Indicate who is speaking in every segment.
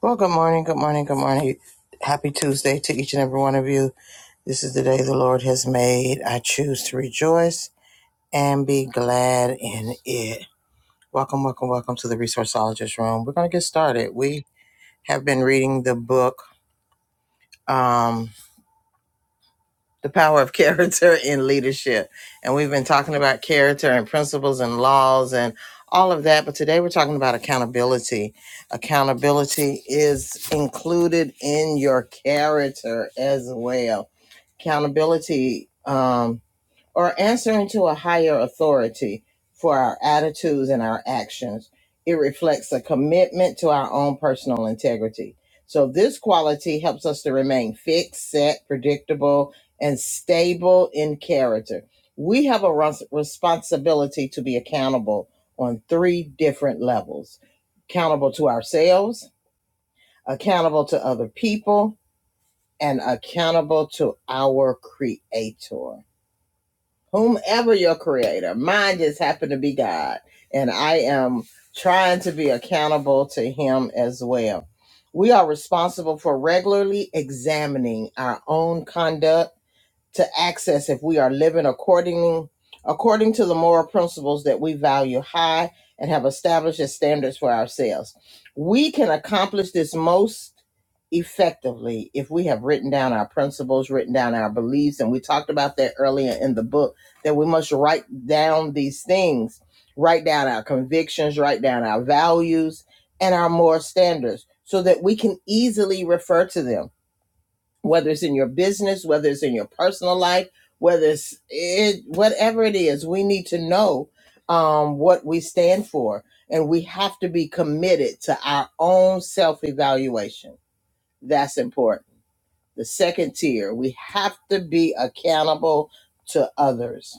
Speaker 1: Well, good morning, good morning, good morning. Happy Tuesday to each and every one of you. This is the day the Lord has made. I choose to rejoice and be glad in it. Welcome, welcome, welcome to the Resourceologist Room. We're going to get started. We have been reading the book. um, the power of character in leadership. And we've been talking about character and principles and laws and all of that. But today we're talking about accountability. Accountability is included in your character as well. Accountability, um, or answering to a higher authority for our attitudes and our actions. It reflects a commitment to our own personal integrity. So, this quality helps us to remain fixed, set, predictable, and stable in character. We have a res- responsibility to be accountable on three different levels accountable to ourselves, accountable to other people, and accountable to our Creator whomever your creator. Mine just happened to be God. And I am trying to be accountable to Him as well. We are responsible for regularly examining our own conduct to access if we are living according according to the moral principles that we value high and have established as standards for ourselves. We can accomplish this most effectively if we have written down our principles, written down our beliefs, and we talked about that earlier in the book that we must write down these things, write down our convictions, write down our values and our moral standards so that we can easily refer to them whether it's in your business, whether it's in your personal life, whether it's it, whatever it is, we need to know um, what we stand for, and we have to be committed to our own self evaluation. That's important. The second tier, we have to be accountable to others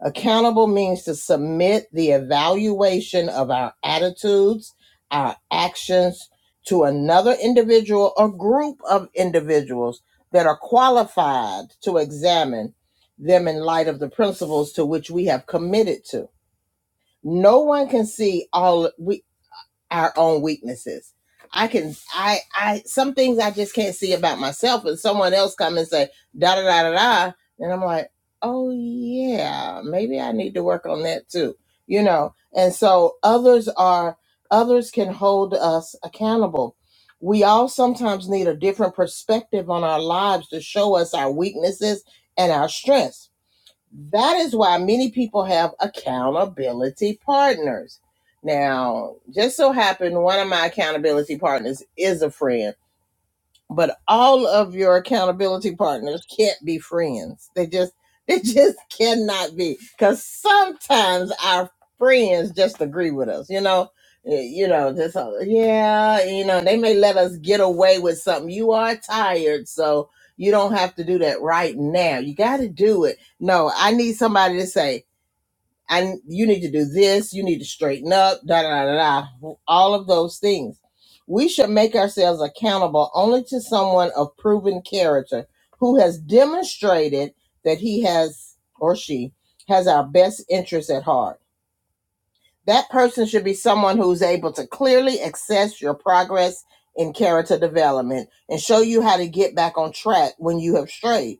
Speaker 1: Accountable means to submit the evaluation of our attitudes, our actions to another individual or group of individuals that are qualified to examine them in light of the principles to which we have committed to. No one can see all our own weaknesses. I can I I some things I just can't see about myself and someone else come and say da da da da da and I'm like, "Oh yeah, maybe I need to work on that too." You know. And so others are others can hold us accountable. We all sometimes need a different perspective on our lives to show us our weaknesses and our strengths that is why many people have accountability partners. Now, just so happened one of my accountability partners is a friend but all of your accountability partners can't be friends. They just they just cannot be because sometimes our friends just agree with us. You know, Eh, you know, just uh, yeah, you know, they may let us get away with something. You are tired, so you don't have to do that right now. You got to do it. No, I need somebody to say and you need to do this, you need to straighten up, da da da da, all of those things. We should make ourselves accountable only to someone of proven character who has demonstrated that he has or she has our best interests at heart. That person should be someone who's able to clearly assess your progress in character development and show you how to get back on track when you have strayed.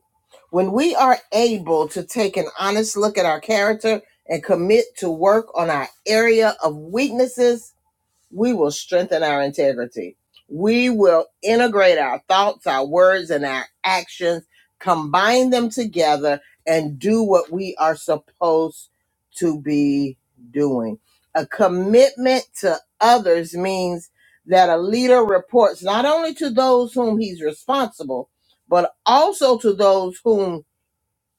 Speaker 1: When we are able to take an honest look at our character and commit to work on our area of weaknesses, we will strengthen our integrity. We will integrate our thoughts, our words, and our actions, combine them together, and do what we are supposed to be doing. A commitment to others means that a leader reports not only to those whom he's responsible, but also to those whom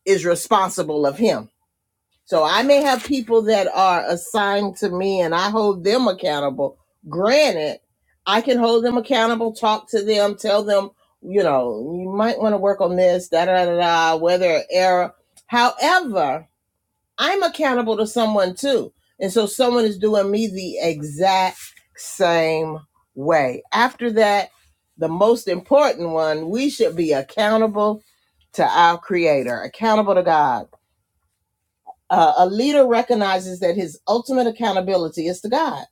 Speaker 1: is responsible of him so I may have people that are assigned to me and I hold them accountable. Granted, I can hold them accountable, talk to them, tell them, you know, you might want to work on this, da da da da, whether error. However, I'm accountable to someone too. And so someone is doing me the exact same way. After that, the most important one, we should be accountable to our creator, accountable to God uh, a leader recognizes that his ultimate accountability is to God.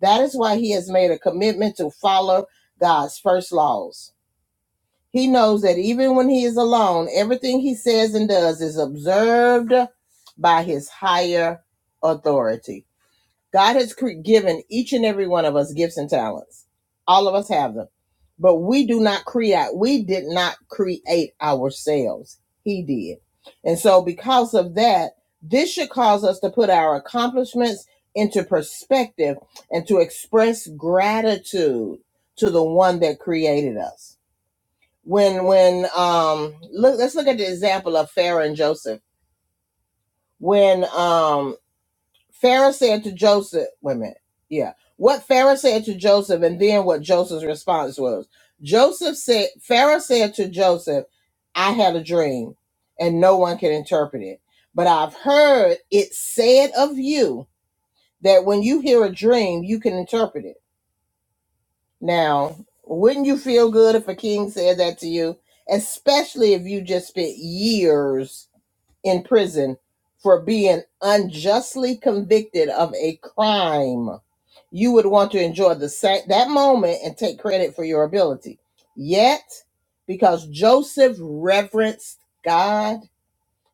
Speaker 1: That is why he has made a commitment to follow God's first laws. He knows that even when he is alone, everything he says and does is observed by his higher authority. God has cre- given each and every one of us gifts and talents. All of us have them. But we do not create, we did not create ourselves. He did. And so, because of that, this should cause us to put our accomplishments into perspective and to express gratitude to the one that created us. When, when, um, look, let's look at the example of Pharaoh and Joseph. When, um, Pharaoh said to Joseph, wait a minute. Yeah. What Pharaoh said to Joseph and then what Joseph's response was. Joseph said, Pharaoh said to Joseph, I had a dream and no one can interpret it. But I've heard it said of you that when you hear a dream, you can interpret it. Now, wouldn't you feel good if a king said that to you? Especially if you just spent years in prison for being unjustly convicted of a crime you would want to enjoy the sa- that moment and take credit for your ability. Yet, because Joseph reverenced God,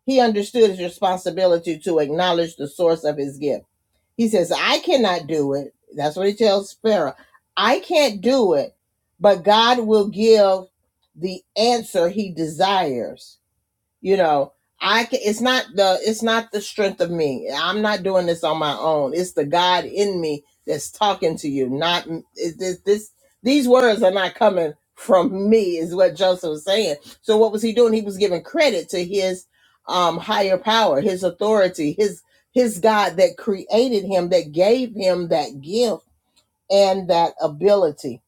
Speaker 1: he understood his responsibility to acknowledge the source of his gift. He says, "I cannot do it." That's what he tells Pharaoh. "I can't do it, but God will give the answer he desires." you know i can, it's not the it's not the strength of me i'm not doing this on my own it's the god in me that's talking to you not is this this these words are not coming from me is what joseph was saying so what was he doing he was giving credit to his um higher power his authority his his god that created him that gave him that gift and that ability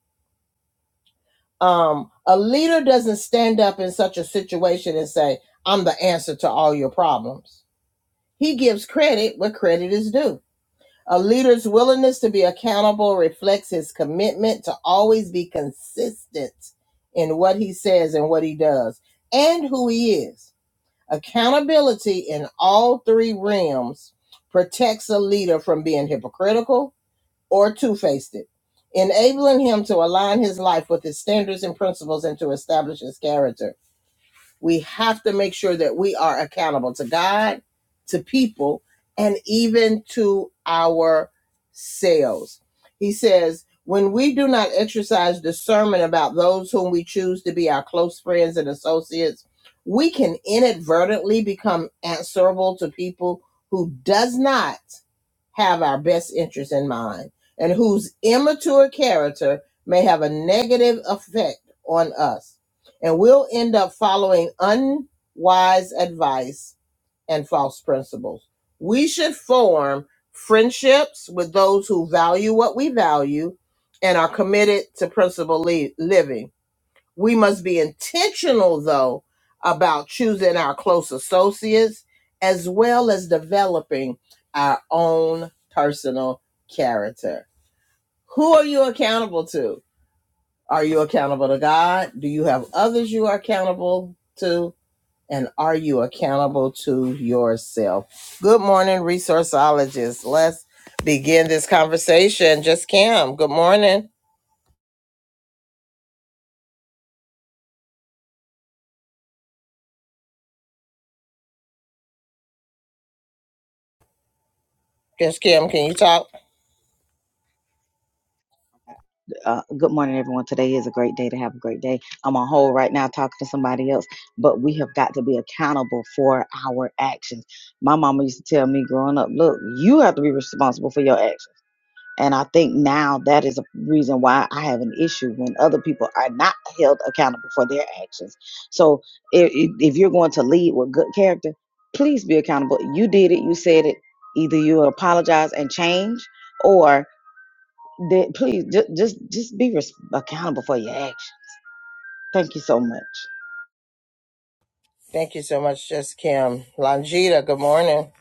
Speaker 1: um, a leader doesn't stand up in such a situation and say, I'm the answer to all your problems. He gives credit where credit is due. A leader's willingness to be accountable reflects his commitment to always be consistent in what he says and what he does and who he is. Accountability in all three realms protects a leader from being hypocritical, or two faced it, enabling him to align his life with his standards and principles and to establish his character. We have to make sure that we are accountable to God, to people, and even to ourselves. He says, when we do not exercise discernment about those whom we choose to be our close friends and associates, we can inadvertently become answerable to people who does not have our best interests in mind and whose immature character may have a negative effect on us. And we'll end up following unwise advice and false principles. We should form friendships with those who value what we value and are committed to principled living we must be intentional, though, about choosing our close associates as well as developing our own personal character. Who are you accountable to? Are you accountable to God? Do you have others you are accountable to? And are you accountable to yourself? Good morning, resourceologists. Let's begin this conversation. Just Kim, good morning. Just Kim, can you talk?
Speaker 2: uh, good morning, everyone. Today is a great day to have a great day. I'm on hold right now talking to somebody else, but we have got to be accountable for our actions. My mama used to tell me growing up, look, you have to be responsible for your actions. And I think now that is a reason why I have an issue when other people are not held accountable for their actions. So if, if you're going to lead with good character, please be accountable. You did it, you said it. Either you apologize and change, or that please just just just be res- accountable for your actions. Thank you so much.
Speaker 1: Thank you so much, Just Kim. Longita, good morning.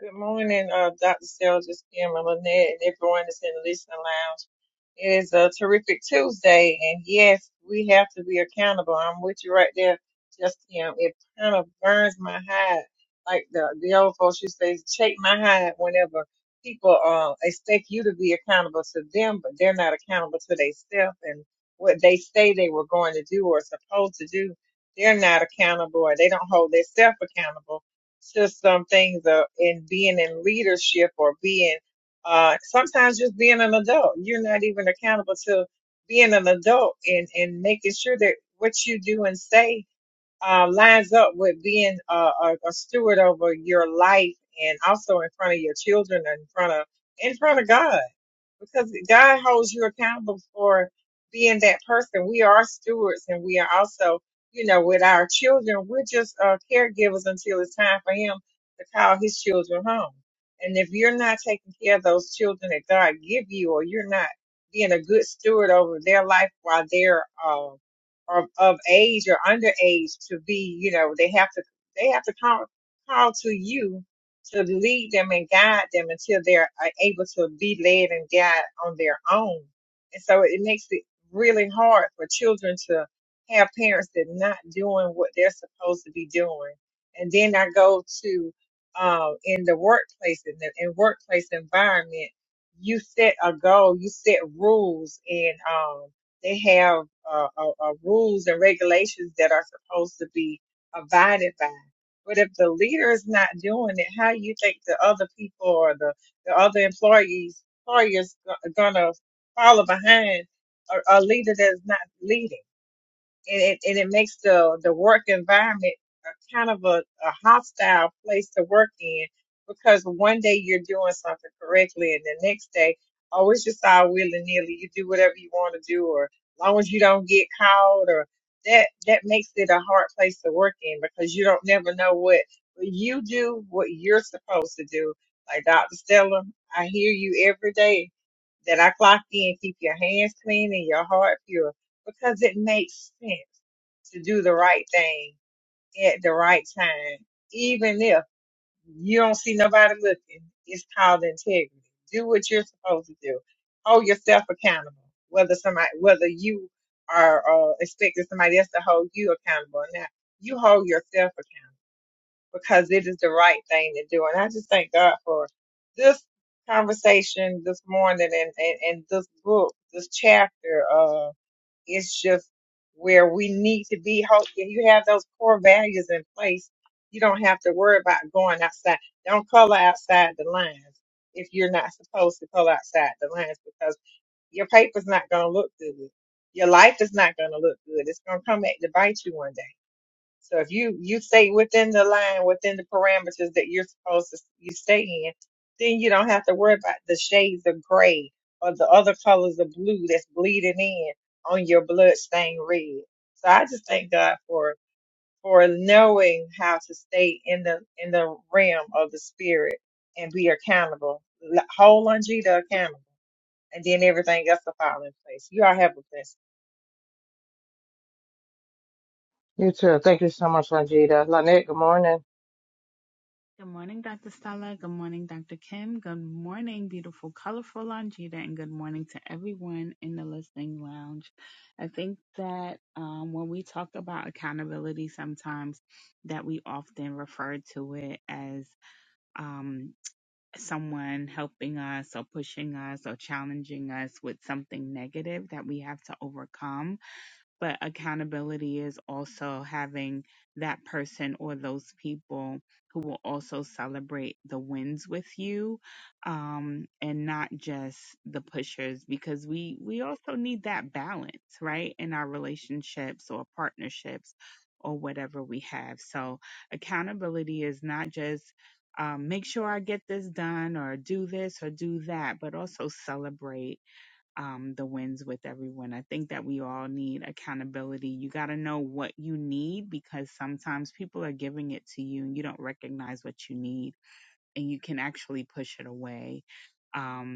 Speaker 3: Good morning, uh, Dr. Stell, Kim and Lynette and everyone that's in the listening lounge. It is a terrific Tuesday, and yes, we have to be accountable. I'm with you right there, just Kim. It kind of burns my hide, like the the old folks used to say, shake my hide whenever people uh, expect you to be accountable to them, but they're not accountable to themselves and what they say they were going to do or supposed to do. They're not accountable, or they don't hold themselves accountable to some things uh, in being in leadership or being uh, sometimes just being an adult. You're not even accountable to being an adult and, and making sure that what you do and say uh, lines up with being a, a, a steward over your life and also in front of your children and in front of in front of God because God holds you accountable for being that person. We are stewards and we are also, you know, with our children, we're just uh, caregivers until it's time for Him to call His children home. And if you're not taking care of those children that God give you, or you're not being a good steward over their life while they're uh, of, of age or underage to be, you know, they have to they have to call call to you to lead them and guide them until they're uh, able to be led and guided on their own. And so it makes it really hard for children to have parents that not doing what they're supposed to be doing. And then I go to um, in the workplace in the in workplace environment, you set a goal, you set rules, and um, they have uh, uh, uh, rules and regulations that are supposed to be abided by. But if the leader is not doing it, how you think the other people or the, the other employees employers go- gonna follow behind a, a leader that's not leading? and it, and it makes the, the work environment a kind of a, a hostile place to work in because one day you're doing something correctly and the next day, oh, it's just all willy nilly. You do whatever you want to do, or as long as you don't get caught, or that that makes it a hard place to work in because you don't never know what but you do what you're supposed to do. Like Dr. Stella, I hear you every day that I clock in, keep your hands clean and your heart pure because it makes sense to do the right thing at the right time, even if you don't see nobody looking. It's called integrity. Do what you're supposed to do. Hold yourself accountable. Whether somebody, whether you are uh, expecting somebody else to hold you accountable or not, you hold yourself accountable because it is the right thing to do. And I just thank God for this conversation this morning and, and, and this book, this chapter. Uh, it's just where we need to be. Hope that you have those core values in place. You don't have to worry about going outside. Don't color outside the lines if you're not supposed to color outside the lines because your paper's not going to look good. Your life is not going to look good. It's going to come back to bite you one day so if you you stay within the line, within the parameters that you're supposed to you stay in, then you don't have to worry about the shades of gray or the other colors of blue that's bleeding in on your bloodstained red. So I just thank God for for knowing how to stay in the in the realm of the spirit and be accountable, L- hold Longita accountable, and then everything else will fall in place. You all have a blessing.
Speaker 1: You too. Thank you so much, Longita. Lynette, good morning.
Speaker 4: Good morning, Dr. Stella. Good morning, Dr. Kim. Good morning, beautiful, colorful Longita, and good morning to everyone in the listening lounge. I think that um, when we talk about accountability, sometimes that we often refer to it as um, someone helping us or pushing us or challenging us with something negative that we have to overcome but accountability is also having that person or those people who will also celebrate the wins with you um and not just the pushers because we we also need that balance right in our relationships or partnerships or whatever we have so accountability is not just um, make sure I get this done or do this or do that, but also celebrate um, the wins with everyone. I think that we all need accountability. You got to know what you need because sometimes people are giving it to you and you don't recognize what you need and you can actually push it away. Um,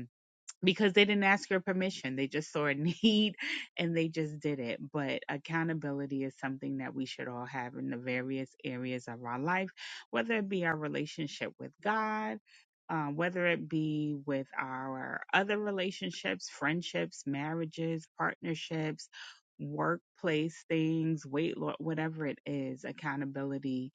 Speaker 4: because they didn't ask your permission. They just saw a need and they just did it. But accountability is something that we should all have in the various areas of our life, whether it be our relationship with God, um, whether it be with our other relationships, friendships, marriages, partnerships, workplace things, weight loss, whatever it is, accountability.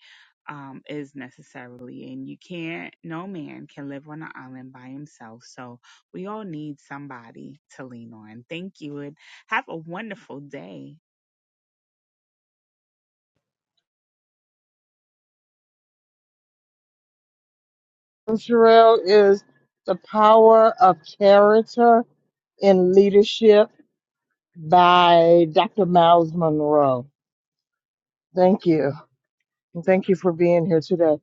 Speaker 4: Um, is necessarily, and you can't, no man can live on an island by himself. So, we all need somebody to lean on. Thank you and have a wonderful day.
Speaker 1: Sherelle is The Power of Character in Leadership by Dr. Miles Monroe. Thank you. And thank you for being here today.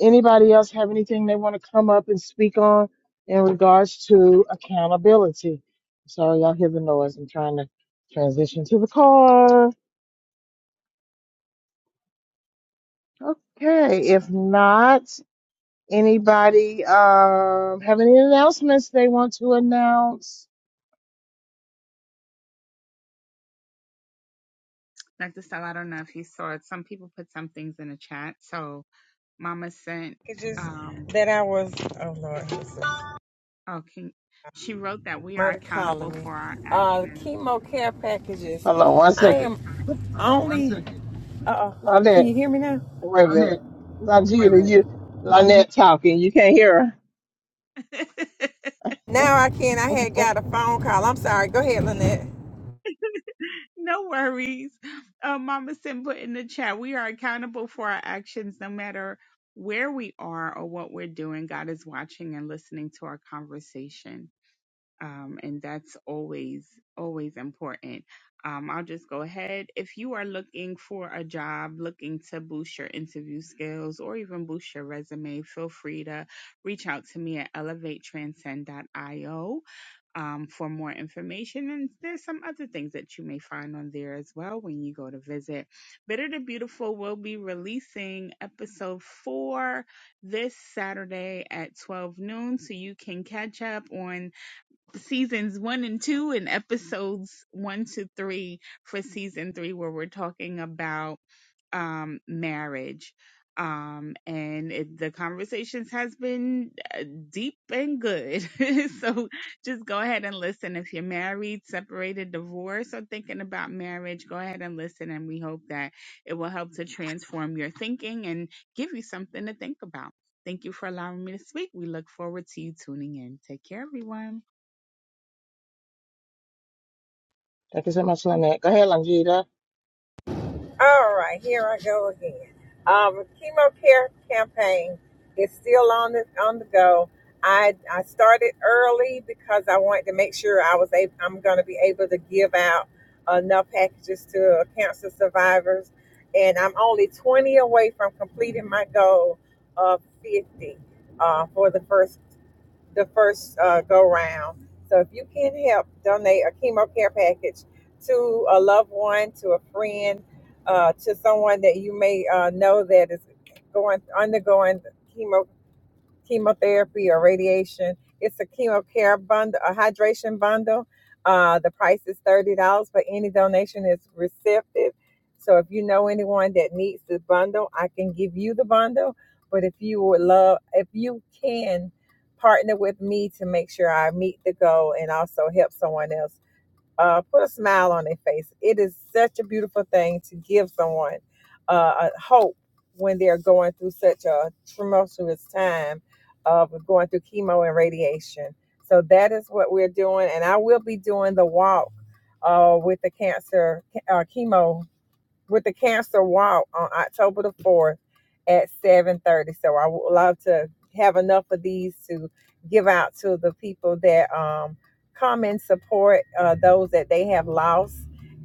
Speaker 1: Anybody else have anything they want to come up and speak on in regards to accountability? Sorry, y'all hear the noise. I'm trying to transition to the car. Okay. That's any.
Speaker 4: Dr. Stella, I don't know if you saw it. Some people put some things in the chat. So Mama sent
Speaker 3: Packages
Speaker 4: um
Speaker 3: that I was. Oh Lord.
Speaker 4: oh can she wrote that we are
Speaker 3: somebody calling
Speaker 4: accountable
Speaker 3: me.
Speaker 4: for our
Speaker 3: Uh, the
Speaker 4: actions.
Speaker 3: chemo care packages.
Speaker 1: Hold on one
Speaker 3: I
Speaker 1: second.
Speaker 3: am only. Uh,
Speaker 1: Claudette,
Speaker 3: can you hear me now?
Speaker 1: wait a
Speaker 3: I'm there.
Speaker 1: minute. Not you. Love
Speaker 3: Now I can. I had got a phone call. I'm sorry. Go ahead, Lynette.
Speaker 4: no worries. Uh, Mama sent put in the chat. We are accountable for our actions no matter where we are or what we're doing. God is watching and listening to our conversation. um, and that's always always important. Um, I'll just go ahead. If you are looking for a job, looking to boost your interview skills or even boost your resume, feel free to reach out to me at elevatetranscend.io um, for more information. And there's some other things that you may find on there as well when you go to visit. Bitter to Beautiful will be releasing episode four this Saturday at 12 noon, so you can catch up on seasons one and two and episodes one to three for season three where we're talking about um marriage um and it, the conversations has been uh, deep and good so just go ahead and listen if you're married separated divorced or thinking about marriage go ahead and listen and we hope that it will help to transform your thinking and give you something to think about thank you for allowing me to speak we look forward to you tuning in take care everyone
Speaker 1: Thank you so much.
Speaker 3: All right, here I go again. Um, the chemo care campaign is still on the on the go. I I started early because I wanted to make sure I was able, I'm going to be able to give out enough packages to cancer survivors, and I'm only 20 away from completing my goal of 50 uh, for the first the first uh, go round. So if you can help donate a chemo care package to a loved one, to a friend, uh, to someone that you may uh, know that is going undergoing chemo chemotherapy or radiation. It's a chemo care bundle, a hydration bundle. Uh, the price is thirty dollars, but any donation is receptive. So if you know anyone that needs the bundle, I can give you the bundle. But if you would love, if you can partner with me to make sure I meet the goal and also help someone else uh, put a smile on their face. It is such a beautiful thing to give someone uh, a hope when they're going through such a tumultuous time of going through chemo and radiation. So that is what we're doing, and I will be doing the walk uh, with the cancer uh, chemo with the cancer walk on October the 4th at 7:30. So I would love to have enough of these to give out to the people that um, come and support uh, those that they have lost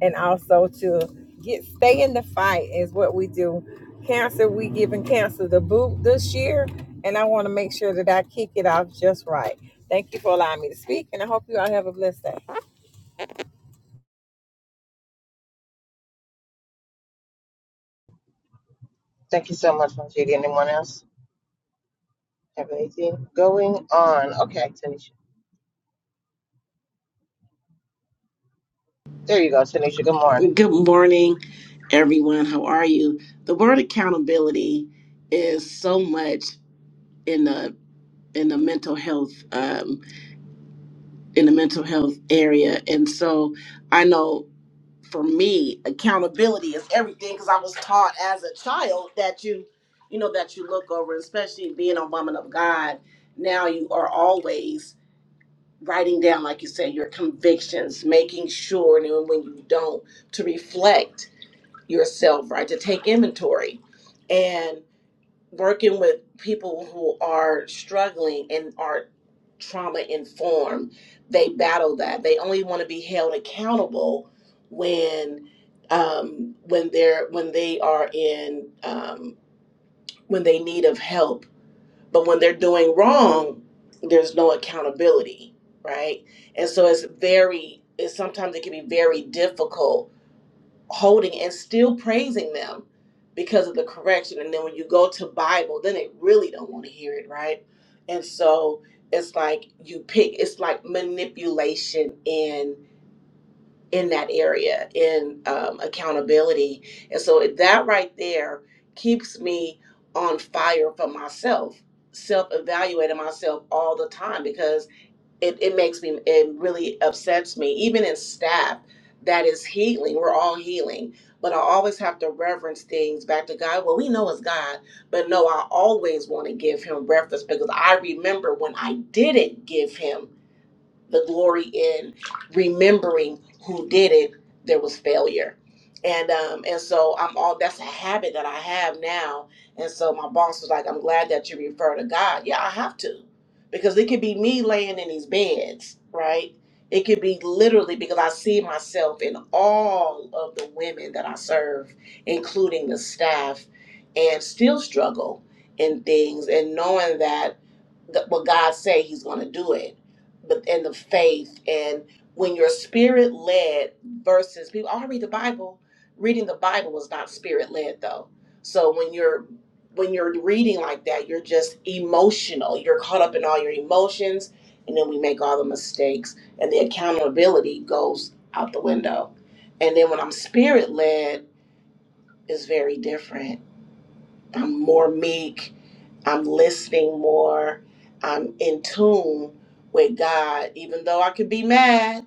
Speaker 3: and also to get stay in the fight is what we do. Cancer, we giving cancer the boot this year, and I want to make sure that I kick it off just right. Thank you for allowing me to speak, and I hope you all have a blessed day.
Speaker 1: Thank you so much, Longita. Anyone else have anything going on? Okay, Tanisha. There you go, Tanisha. Good morning.
Speaker 5: Good morning, everyone. How are you? The word accountability is so much in the in the mental health um, in the mental health area, and so I know for me, accountability is everything because I was taught as a child that you, you know, that you look over, especially being a woman of God. Now you are always writing down, like you said, your convictions, making sure, and when you don't, to reflect yourself, right? To take inventory and working with people who are struggling and are trauma informed, they battle that. They only want to be held accountable when um, when they're when they are in um, when they need of help. But when they're doing wrong, there's no accountability, right? And so it's very it's sometimes it can be very difficult holding and still praising them because of the correction. And then when you go to Bible, then they really don't want to hear it, right? And so it's like you pick. It's like manipulation in in that area in um, accountability. And so that right there keeps me on fire for myself, self evaluating myself all the time because it, it makes me it really upsets me even in staff that is healing we're all healing but i always have to reference things back to god well we know it's god but no i always want to give him reference because i remember when i didn't give him the glory in remembering who did it there was failure and um and so i'm all that's a habit that i have now and so my boss was like i'm glad that you refer to god yeah i have to because it could be me laying in these beds right it could be literally because i see myself in all of the women that i serve including the staff and still struggle in things and knowing that th- what god say he's going to do it but and the faith and when you're spirit led versus people oh, I read the Bible. Reading the Bible is not spirit led though. So when you're when you're reading like that, you're just emotional. You're caught up in all your emotions and then we make all the mistakes and the accountability goes out the window. And then when I'm spirit led is very different I'm more meek. I'm listening more. I'm in tune with God, even though I could be mad,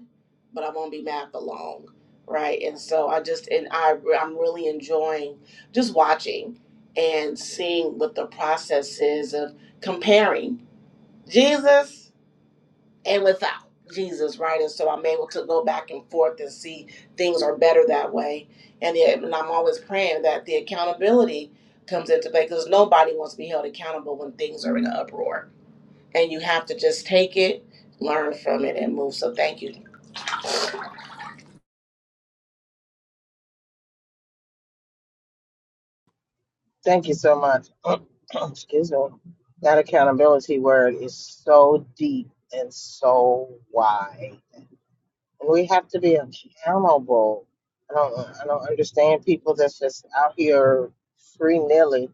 Speaker 5: but I won't be mad for long, right? And so I just and I I'm really enjoying just watching and seeing what the process is of comparing Jesus and without Jesus, right? And so I'm able to go back and forth and see things are better that way. And, it, and I'm always praying that the accountability comes into play because nobody wants to be held accountable when things are in an uproar. And you have to just take it, learn from it, and move. So thank you
Speaker 1: Thank you so much. Excuse me. That accountability word is so deep and so wide. And we have to be accountable. I don't I don't understand people that's just out here free nilly,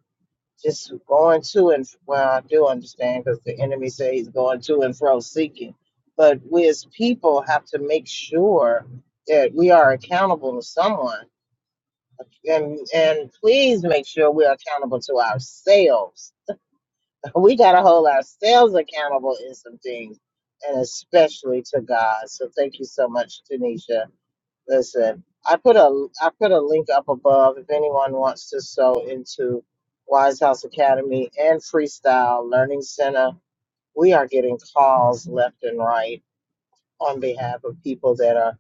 Speaker 1: just going to and well, I do understand because the enemy says he's going to and fro seeking. But we as people have to make sure that we are accountable to someone. And and please make sure we are accountable to ourselves we got to hold ourselves accountable in some things, and especially to God. So thank you so much, Tanisha. Listen, I put a I put a link up above if anyone wants to sew into Wise House Academy and Freestyle Learning Center. We are getting calls left and right on behalf of people that are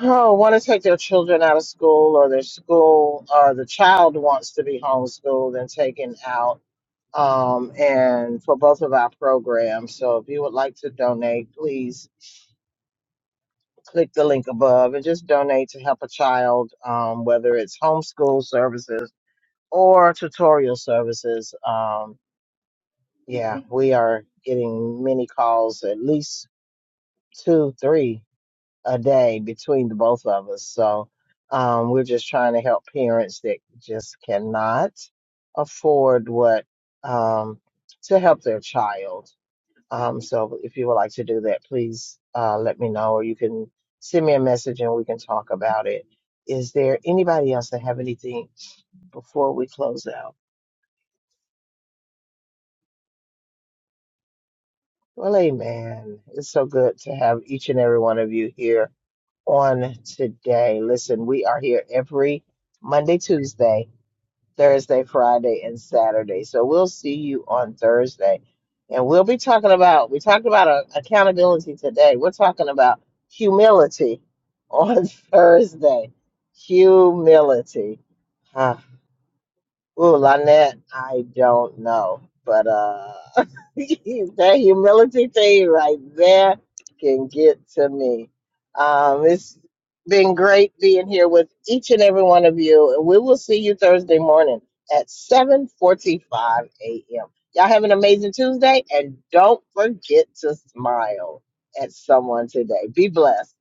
Speaker 1: oh want to take their children out of school or their school or the child wants to be homeschooled and taken out um, and for both of our programs. So if you would like to donate, please click the link above and just donate to help a child, um, whether it's homeschool services or tutorial services. Um, yeah, we are getting many calls, at least two, three a day between the both of us. So um, we're just trying to help parents that just cannot afford what um, to help their child. Um, so if you would like to do that, please uh, let me know, or you can send me a message and we can talk about it. Is there anybody else that have anything before we close out? Well, amen. It's so good to have each and every one of you here on today. Listen, we are here every Monday, Tuesday. Thursday, Friday, and Saturday. So we'll see you on Thursday. And we'll be talking about, we talked about uh, accountability today. We're talking about humility on Thursday. Humility. Huh. Ooh, Lynette, I don't know. But uh that humility thing right there can get to me. Um, it's been great being here with each and every one of you. And we will see you Thursday morning at 7:45 a.m. Y'all have an amazing Tuesday and don't forget to smile at someone today. Be blessed.